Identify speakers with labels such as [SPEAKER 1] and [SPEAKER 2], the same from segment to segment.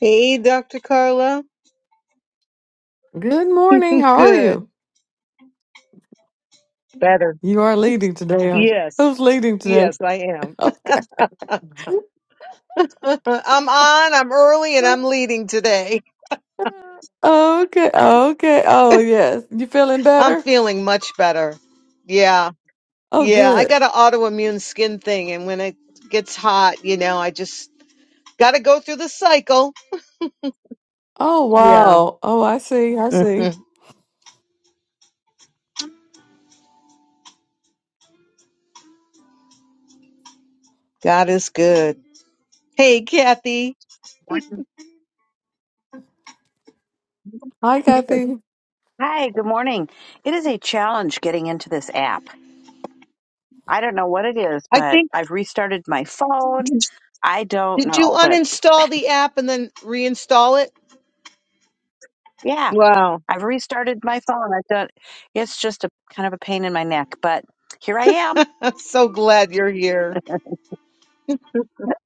[SPEAKER 1] Hey, Dr. Carla.
[SPEAKER 2] Good morning. How are
[SPEAKER 1] Good.
[SPEAKER 2] you?
[SPEAKER 1] Better.
[SPEAKER 2] You are leading today, aren't you?
[SPEAKER 1] Yes.
[SPEAKER 2] Who's leading today?
[SPEAKER 1] Yes, I am.
[SPEAKER 2] Okay.
[SPEAKER 1] I'm on, I'm early, and I'm leading today.
[SPEAKER 2] Okay. Okay. Oh, yes. You feeling
[SPEAKER 1] I'm
[SPEAKER 2] better?
[SPEAKER 1] feeling much better. Yeah.
[SPEAKER 2] Oh,
[SPEAKER 1] Yeah. I
[SPEAKER 2] good.
[SPEAKER 1] got an autoimmune skin thing, and when it gets hot, you know, I just got to go through the cycle.
[SPEAKER 2] Oh,
[SPEAKER 1] Yeah.
[SPEAKER 2] wow. Oh, I see. I see.
[SPEAKER 1] Mhm. God is good. Hey, Kathy.
[SPEAKER 3] Morning.
[SPEAKER 2] Hi,
[SPEAKER 3] Yes.
[SPEAKER 2] Kathy.
[SPEAKER 3] Hi, good morning. It is a challenge getting into this app. I don't know what it is,
[SPEAKER 1] I
[SPEAKER 3] but
[SPEAKER 1] think,
[SPEAKER 3] I've restarted my phone.
[SPEAKER 1] did,
[SPEAKER 3] I don't
[SPEAKER 1] did you
[SPEAKER 3] know, but
[SPEAKER 1] uninstall the app and then reinstall it?
[SPEAKER 3] yeah,
[SPEAKER 1] Wow.
[SPEAKER 3] I've restarted my phone. I've done it's just a kind of a pain in my neck, but here I am.
[SPEAKER 1] I'm so glad you're here.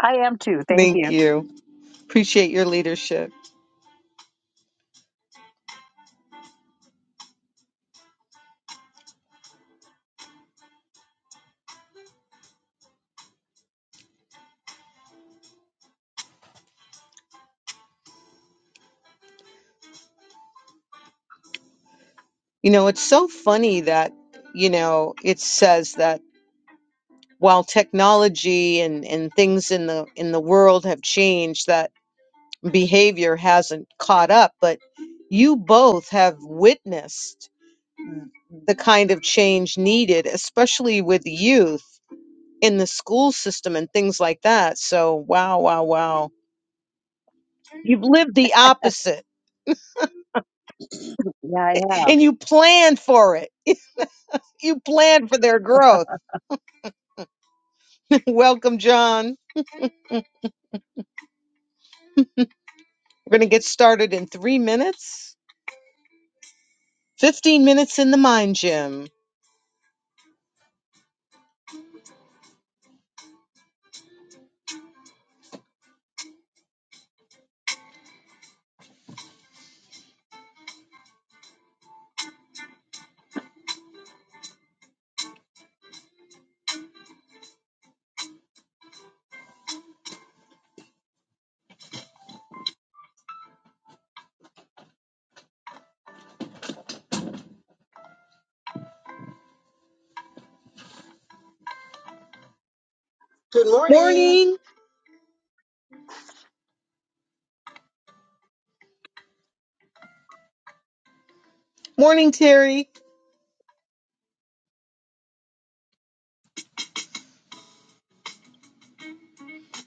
[SPEAKER 3] I am too. Thank
[SPEAKER 1] Thank
[SPEAKER 3] you.
[SPEAKER 1] you. Appreciate your leadership. You know, it's so funny that, you know, it says that while technology and, and things in the in the world have changed, that behavior hasn't caught up, but you both have witnessed the kind of change needed, especially with youth in the school system and things like that. So wow, wow, wow. You've lived the opposite
[SPEAKER 3] Yeah, I have.
[SPEAKER 1] and you planned for it You plan for their growth. Welcome, John. We're going to get started in three minutes. 15 minutes in the mind gym.
[SPEAKER 4] Good morning.
[SPEAKER 1] Morning. Morning, Terry.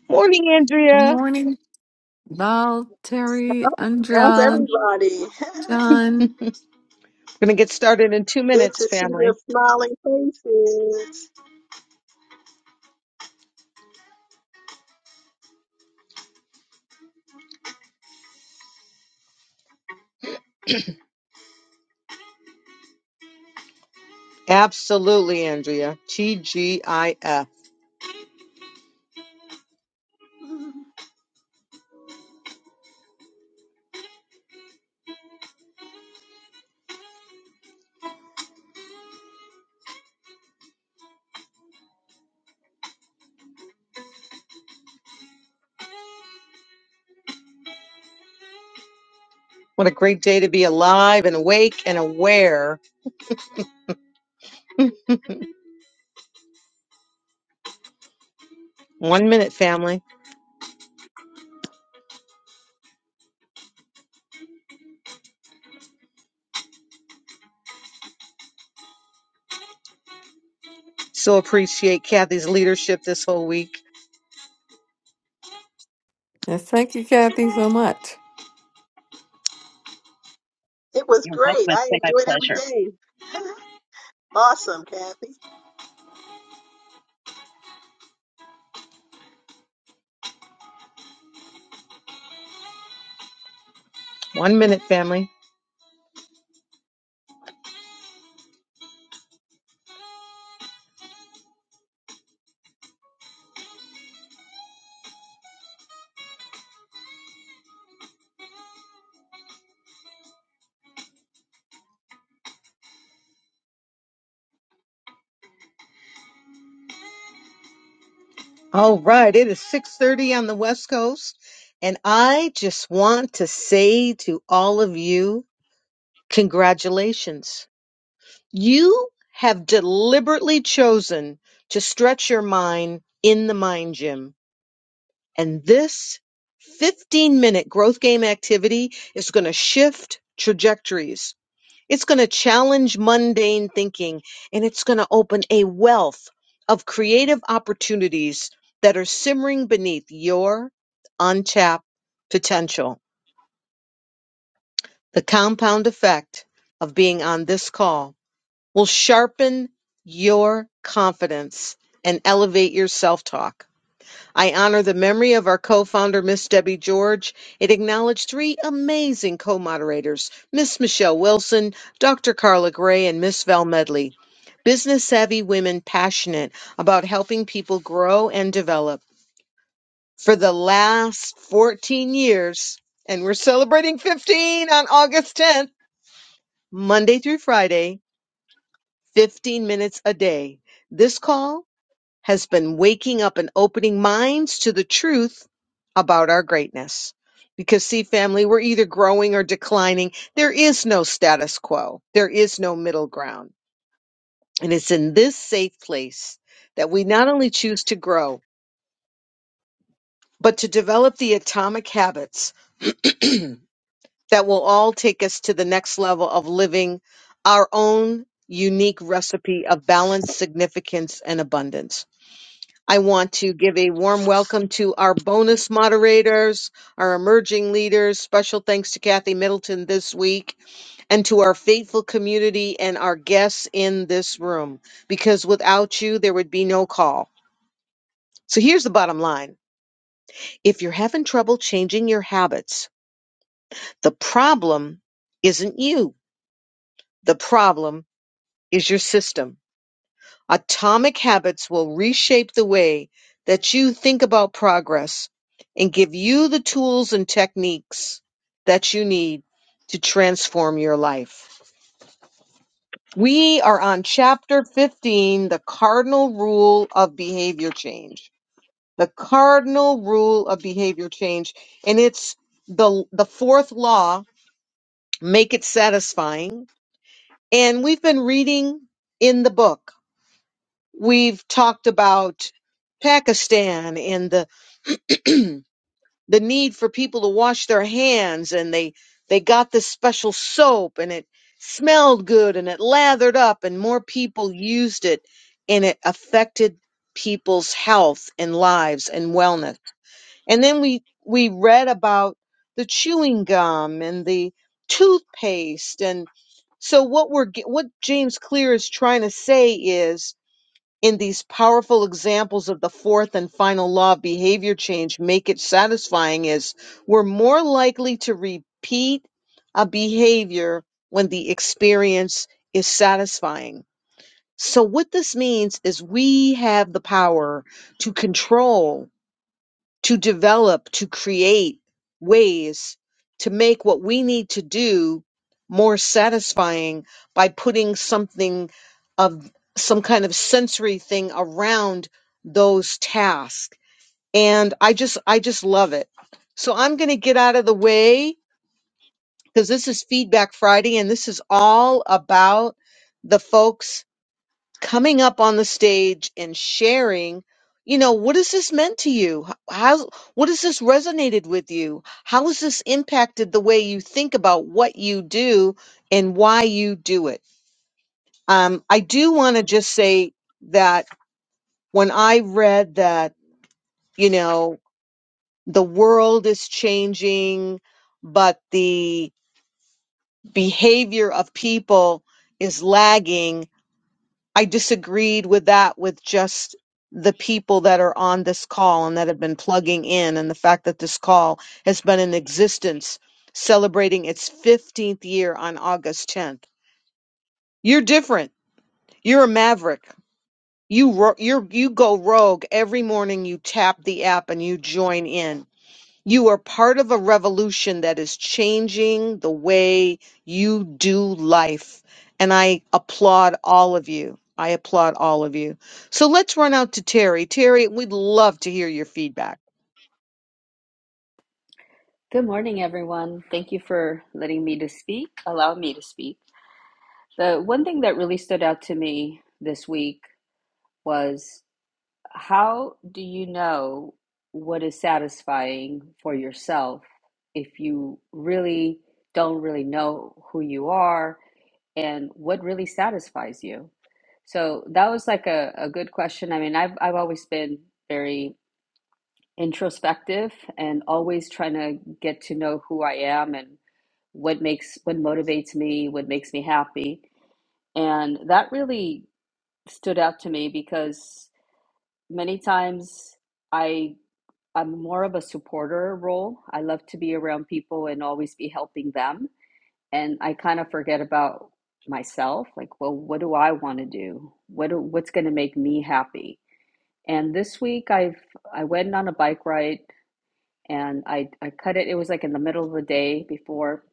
[SPEAKER 1] Morning,
[SPEAKER 2] Good
[SPEAKER 1] Andrea.
[SPEAKER 2] morning. Val,
[SPEAKER 4] Oh,
[SPEAKER 2] Terry,
[SPEAKER 4] How's
[SPEAKER 2] Andrea,
[SPEAKER 4] everybody?
[SPEAKER 2] John.
[SPEAKER 1] Going to get started in two
[SPEAKER 4] Good
[SPEAKER 1] minutes,
[SPEAKER 4] to see the
[SPEAKER 1] family.
[SPEAKER 4] smiling faces.
[SPEAKER 1] Absolutely, Andrea. TGIF. What a great day to be alive and awake and aware. One minute, family. So appreciate Kathy's leadership this whole week.
[SPEAKER 2] Yes, thank you, Kathy, so much.
[SPEAKER 4] It was
[SPEAKER 3] You're welcome.
[SPEAKER 4] great.
[SPEAKER 3] It's
[SPEAKER 4] I
[SPEAKER 3] been my
[SPEAKER 4] enjoyed every
[SPEAKER 3] pleasure.
[SPEAKER 4] day. Awesome, Kathy.
[SPEAKER 1] One minute, family. All right, it is 6:30 on the West Coast, and I just want to say to all of you, congratulations. You have deliberately chosen to stretch your mind in the mind gym, and this 15-minute growth game activity is going to shift trajectories it's going to challenge mundane thinking and it's going to open a wealth of creative opportunities that are simmering beneath your untapped potential. The compound effect of being on this call will sharpen your confidence and elevate your self talk I honor the memory of our co-founder, Miss Debbie George, and acknowledge three amazing co-moderators, Miss Michelle Wilson, Dr. Carla Gray, and Miss Val Medley. Business savvy women passionate about helping people grow and develop. For the last 14 years, and we're celebrating 15 on August 10th, Monday through Friday, 15 minutes a day. This call has been waking up and opening minds to the truth about our greatness. Because, see, family, we're either growing or declining. There is no status quo, there is no middle ground. And it's in this safe place that we not only choose to grow, but to develop the atomic habits that will all take us to the next level of living our own unique recipe of balance, significance, and abundance. I want to give a warm welcome to our bonus moderators, our emerging leaders. Special thanks to Kathy Middleton this week and to our faithful community and our guests in this room, because without you, there would be no call. So here's the bottom line if you're having trouble changing your habits, the problem isn't you, the problem is your system. Atomic habits will reshape the way that you think about progress and give you the tools and techniques that you need to transform your life. We are on chapter 15, the cardinal rule of behavior change. The cardinal rule of behavior change and it's the the fourth law, make it satisfying. And we've been reading in the book We've talked about Pakistan and the the need for people to wash their hands and they they got this special soap and it smelled good and it lathered up and more people used it and it affected people's health and lives and wellness. And then we we read about the chewing gum and the toothpaste and so what we're ge- what James Clear is trying to say is in these powerful examples of the fourth and final law of behavior change make it satisfying is we're more likely to repeat a behavior when the experience is satisfying. So, what this means is we have the power to control to develop, to create ways to make what we need to do more satisfying by putting something of some kind of sensory thing around those tasks. And I just, I just love it. So I'm going to get out of the way because this is Feedback Friday and this is all about the folks coming up on the stage and sharing you know what has this meant to you how what has this resonated with you how has this impacted the way you think about what you do and why you do it um, i do want to just say that when i read that you know the world is changing but the behavior of people is lagging I disagreed with that with just the people that are on this call and that have been plugging in, and the fact that this call has been in existence celebrating its 15th year on August 10th. You're different. You're a maverick. You ro- you you go rogue every morning. You tap the app and you join in. You are part of a revolution that is changing the way you do life. And I applaud all of you. I applaud all of you. So let's run out to Terry. Terry, we'd love to hear your feedback.
[SPEAKER 5] Good morning, everyone. Thank you for letting me to speak, allow me to speak. The one thing that really stood out to me this week was how do you know what is satisfying for yourself if you really don't really know who you are and what really satisfies you? So that was like a, a good question. I mean, I've I've always been very introspective and always trying to get to know who I am and what makes what motivates me, what makes me happy. And that really stood out to me because many times I I'm more of a supporter role. I love to be around people and always be helping them. And I kind of forget about myself, like, well, what do I want to do? What do, what's going to make me happy? And this week I've I went on a bike ride and I, I cut it. It was like in the middle of the day before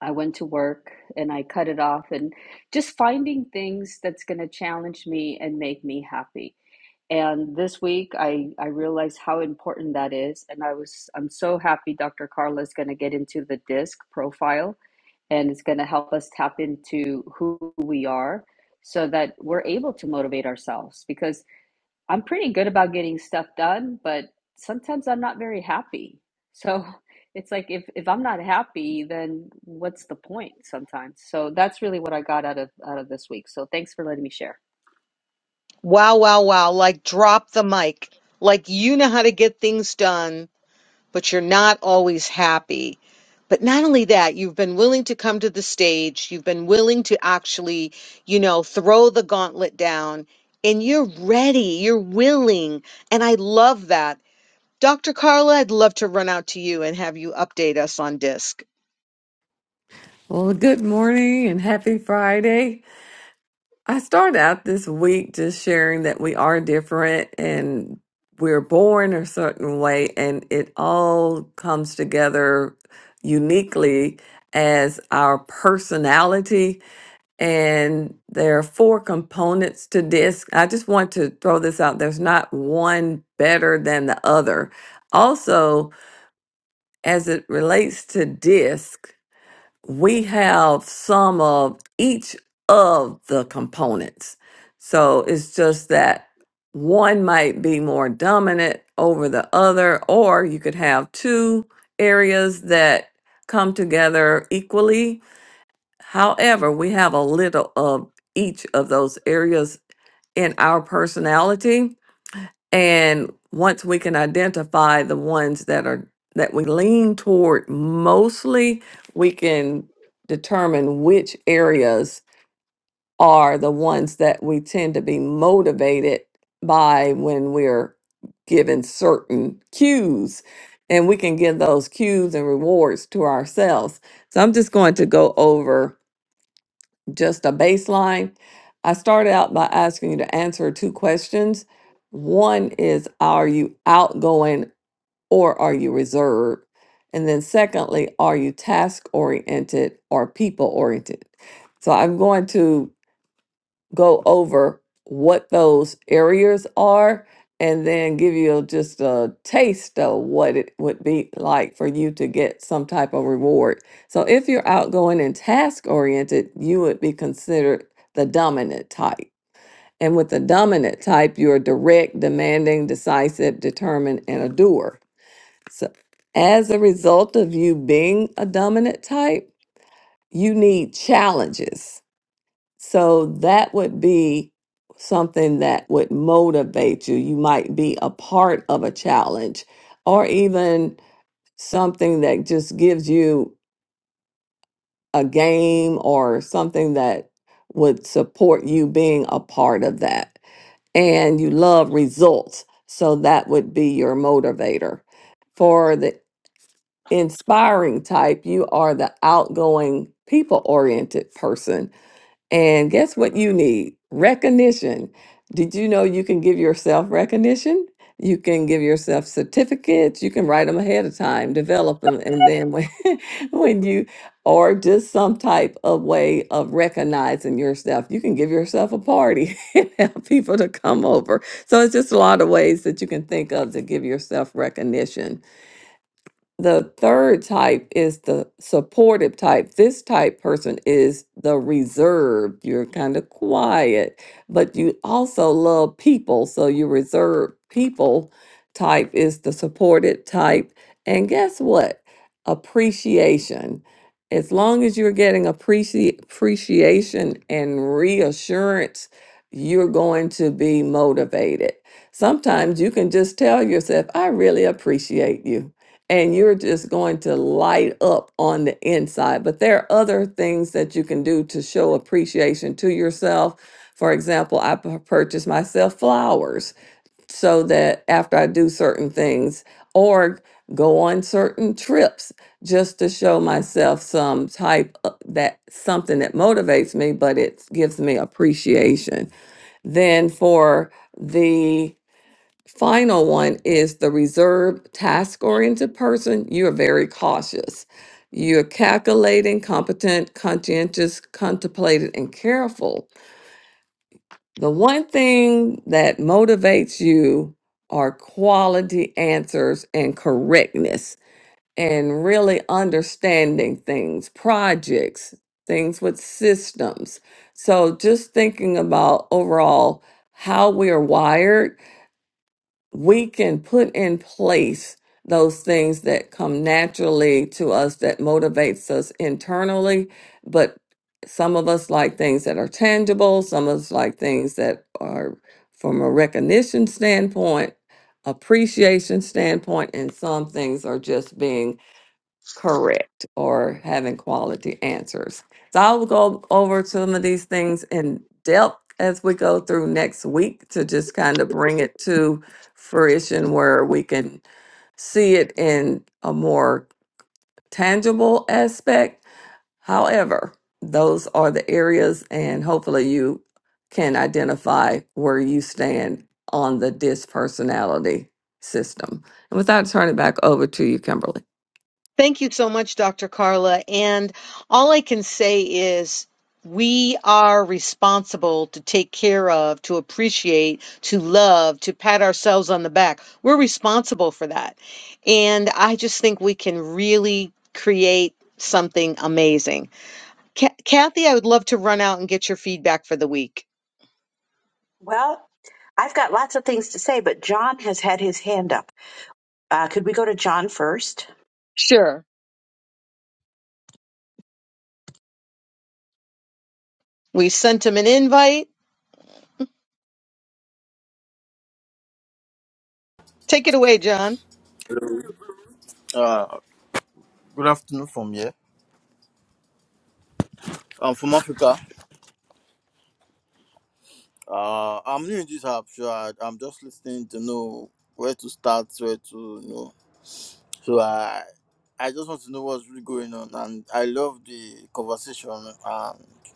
[SPEAKER 5] I went to work, and I cut it off and just finding things that's going to challenge me and make me happy. And this week, I, I realized how important that is. And I was, I'm so happy Dr. Carla is going to get into the DISC profile and it's going to help us tap into who we are so that we're able to motivate ourselves. because. I'm pretty good about getting stuff done, but sometimes I'm not very happy. So it's like if if I'm not happy, then what's the point sometimes? So that's really what I got out of out of this week. So thanks for letting me share.
[SPEAKER 1] Wow, wow, wow. Like drop the mic. Like you know how to get things done but you're not always happy. But not only that, you've been willing to come to the stage, you've been willing to actually, you know, throw the gauntlet down, and you're ready, you're willing. And I love that. Dr. Carla, I'd love to run out to you and have you update us on DISC.
[SPEAKER 2] Well, good morning and happy Friday. I started out this week just sharing that we are different and we're born a certain way, and it all comes together uniquely as our personality. And there are four components to this. I just want to throw this out there's not one better than the other. Also, as it relates to DISC, we have some of each of the components. So it's just that one might be more dominant over the other, or you could have two areas that come together equally. However, we have a little of each of those areas in our personality. And once we can identify the ones that are that we lean toward mostly, we can determine which areas are the ones that we tend to be motivated by when we're given certain cues. And we can give those cues and rewards to ourselves. So I'm just going to go over just a baseline. I started out by asking you to answer two questions. One is Are you outgoing or are you reserved? And then, secondly, are you task oriented or people oriented? So I'm going to go over what those areas are and then give you just a taste of what it would be like for you to get some type of reward. So if you're outgoing and task oriented, you would be considered the dominant type. And with the dominant type, you're direct, demanding, decisive, determined, and a doer. So as a result of you being a dominant type, you need challenges so that would be something that would motivate you. You might be a part of a challenge or even something that just gives you a game or something that would support you being a part of that. And you love results. So that would be your motivator. For the inspiring type, you are the outgoing, people oriented person And guess what you need? Recognition. Did you know you can give yourself recognition? You can give yourself certificates. You can write them ahead of time, develop them, and then when, when you, or just some type of way of recognizing yourself, you can give yourself a party and have people to come over. So it's just a lot of ways that you can think of to give yourself recognition. The third type is the supportive type. This type person is the reserved. You're kind of quiet, but you also love people. So your reserved people type is the supported type. And guess what? Appreciation. As long as you're getting appreci- appreciation and reassurance, you're going to be motivated. Sometimes you can just tell yourself, I really appreciate you and you're just going to light up on the inside. But there are other things that you can do to show appreciation to yourself. For example, I pu- purchase myself flowers so that after I do certain things or go on certain trips just to show myself some type of that something that motivates me but it gives me appreciation. Then for the Final one is the reserved, task oriented person. You are very cautious. You're calculating, competent, conscientious, contemplated, and careful. The one thing that motivates you are quality answers and correctness and really understanding things, projects, things with systems. So, just thinking about overall how we are wired we can put in place those things that come naturally to us that motivates us internally but some of us like things that are tangible some of us like things that are from a recognition standpoint appreciation standpoint and some things are just being correct or having quality answers. So I'll go over some of these things in depth as we go through next week to just kind of bring it to fruition where we can see it in a more tangible aspect. However, those are the areas, and hopefully, you can identify where you stand on the dispersonality system. And with that, I turn it back over to you, Kimberly.
[SPEAKER 1] Thank you so much, Dr. Carla. And all I can say is we are responsible to take care of, to appreciate, to love, to pat ourselves on the back. We're responsible for that. And I just think we can really create something amazing. Ca- Kathy, I would love to run out and get your feedback for the week.
[SPEAKER 3] Well, I've got lots of things to say, but John has had his hand up. Uh, could we go to John first?
[SPEAKER 1] Sure. We sent him an invite. Take it away, John.
[SPEAKER 6] Hello. Uh, good afternoon from here. I'm from Africa. Uh, I'm new in this app, so I, I'm just listening to know where to start, where to you know. So I I just want to know what's really going on, and I love the conversation, and I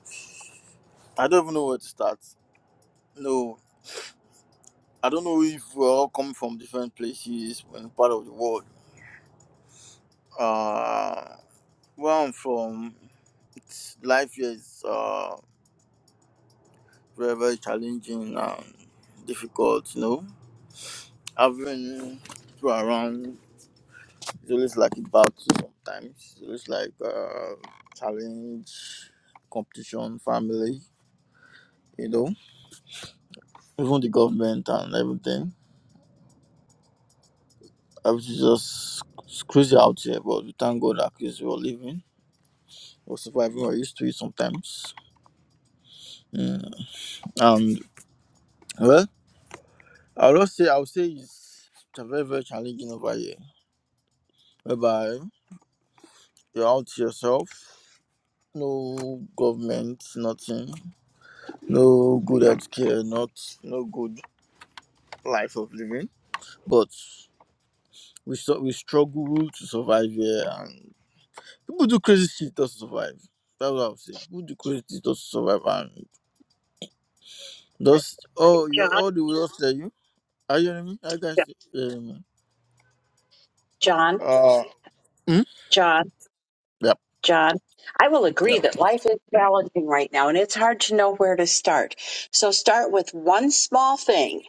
[SPEAKER 6] don't even know where to start. No, I don't know if we're all coming from different places and part of the world. Uh, where I'm from, it's, life here is uh very very challenging and difficult, you know having people around it always like a battle sometimes. it's looks like uh, challenge, competition, family, you know, even the government and everything. Everything's just it's crazy out here, but we thank God that at least we're living, we're surviving, we're used to it sometimes. Mm. And well, I'll just say, I'll say it's, it's a very, very challenging over here. Whereby you're out to yourself, no government, nothing no good healthcare, not no good life of living. But we su- we struggle to survive here, and people do crazy shit just to survive. That's what I've said. People do crazy shit just to survive, and
[SPEAKER 3] Right.
[SPEAKER 6] just oh, you
[SPEAKER 3] John.
[SPEAKER 6] all the way after you. Are you hearing me? Are you guys hearing me?
[SPEAKER 3] John.
[SPEAKER 6] Uh, hmm?
[SPEAKER 3] John.
[SPEAKER 6] yep,
[SPEAKER 3] John. I will agree
[SPEAKER 6] yep.
[SPEAKER 3] that life is challenging right now and it's hard to know where to start. So start with one small thing.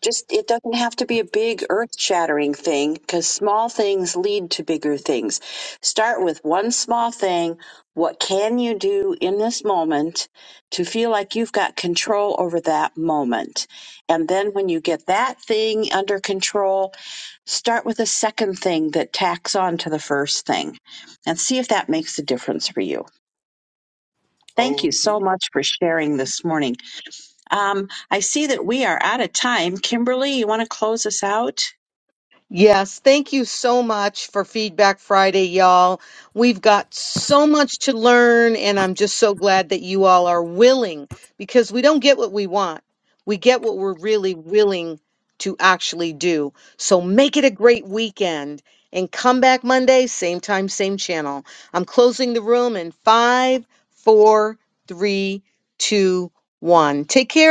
[SPEAKER 3] Just, it doesn't have to be a big earth shattering thing because small things lead to bigger things. Start with one small thing. What can you do in this moment to feel like you've got control over that moment? And then when you get that thing under control, Start with a second thing that tacks on to the first thing and see if that makes a difference for you. Thank you
[SPEAKER 6] Okay.
[SPEAKER 3] so much for sharing this morning. Um, I see that we are out of time. Kimberly, you want to close us out?
[SPEAKER 1] Yes, thank you so much for Feedback Friday, y'all. We've got so much to learn, and I'm just so glad that you all are willing because we don't get what we want. We get what we're really willing to actually do. So make it a great weekend and come back Monday, same time, same channel. I'm closing the room in five, four, three, two, one. Take care.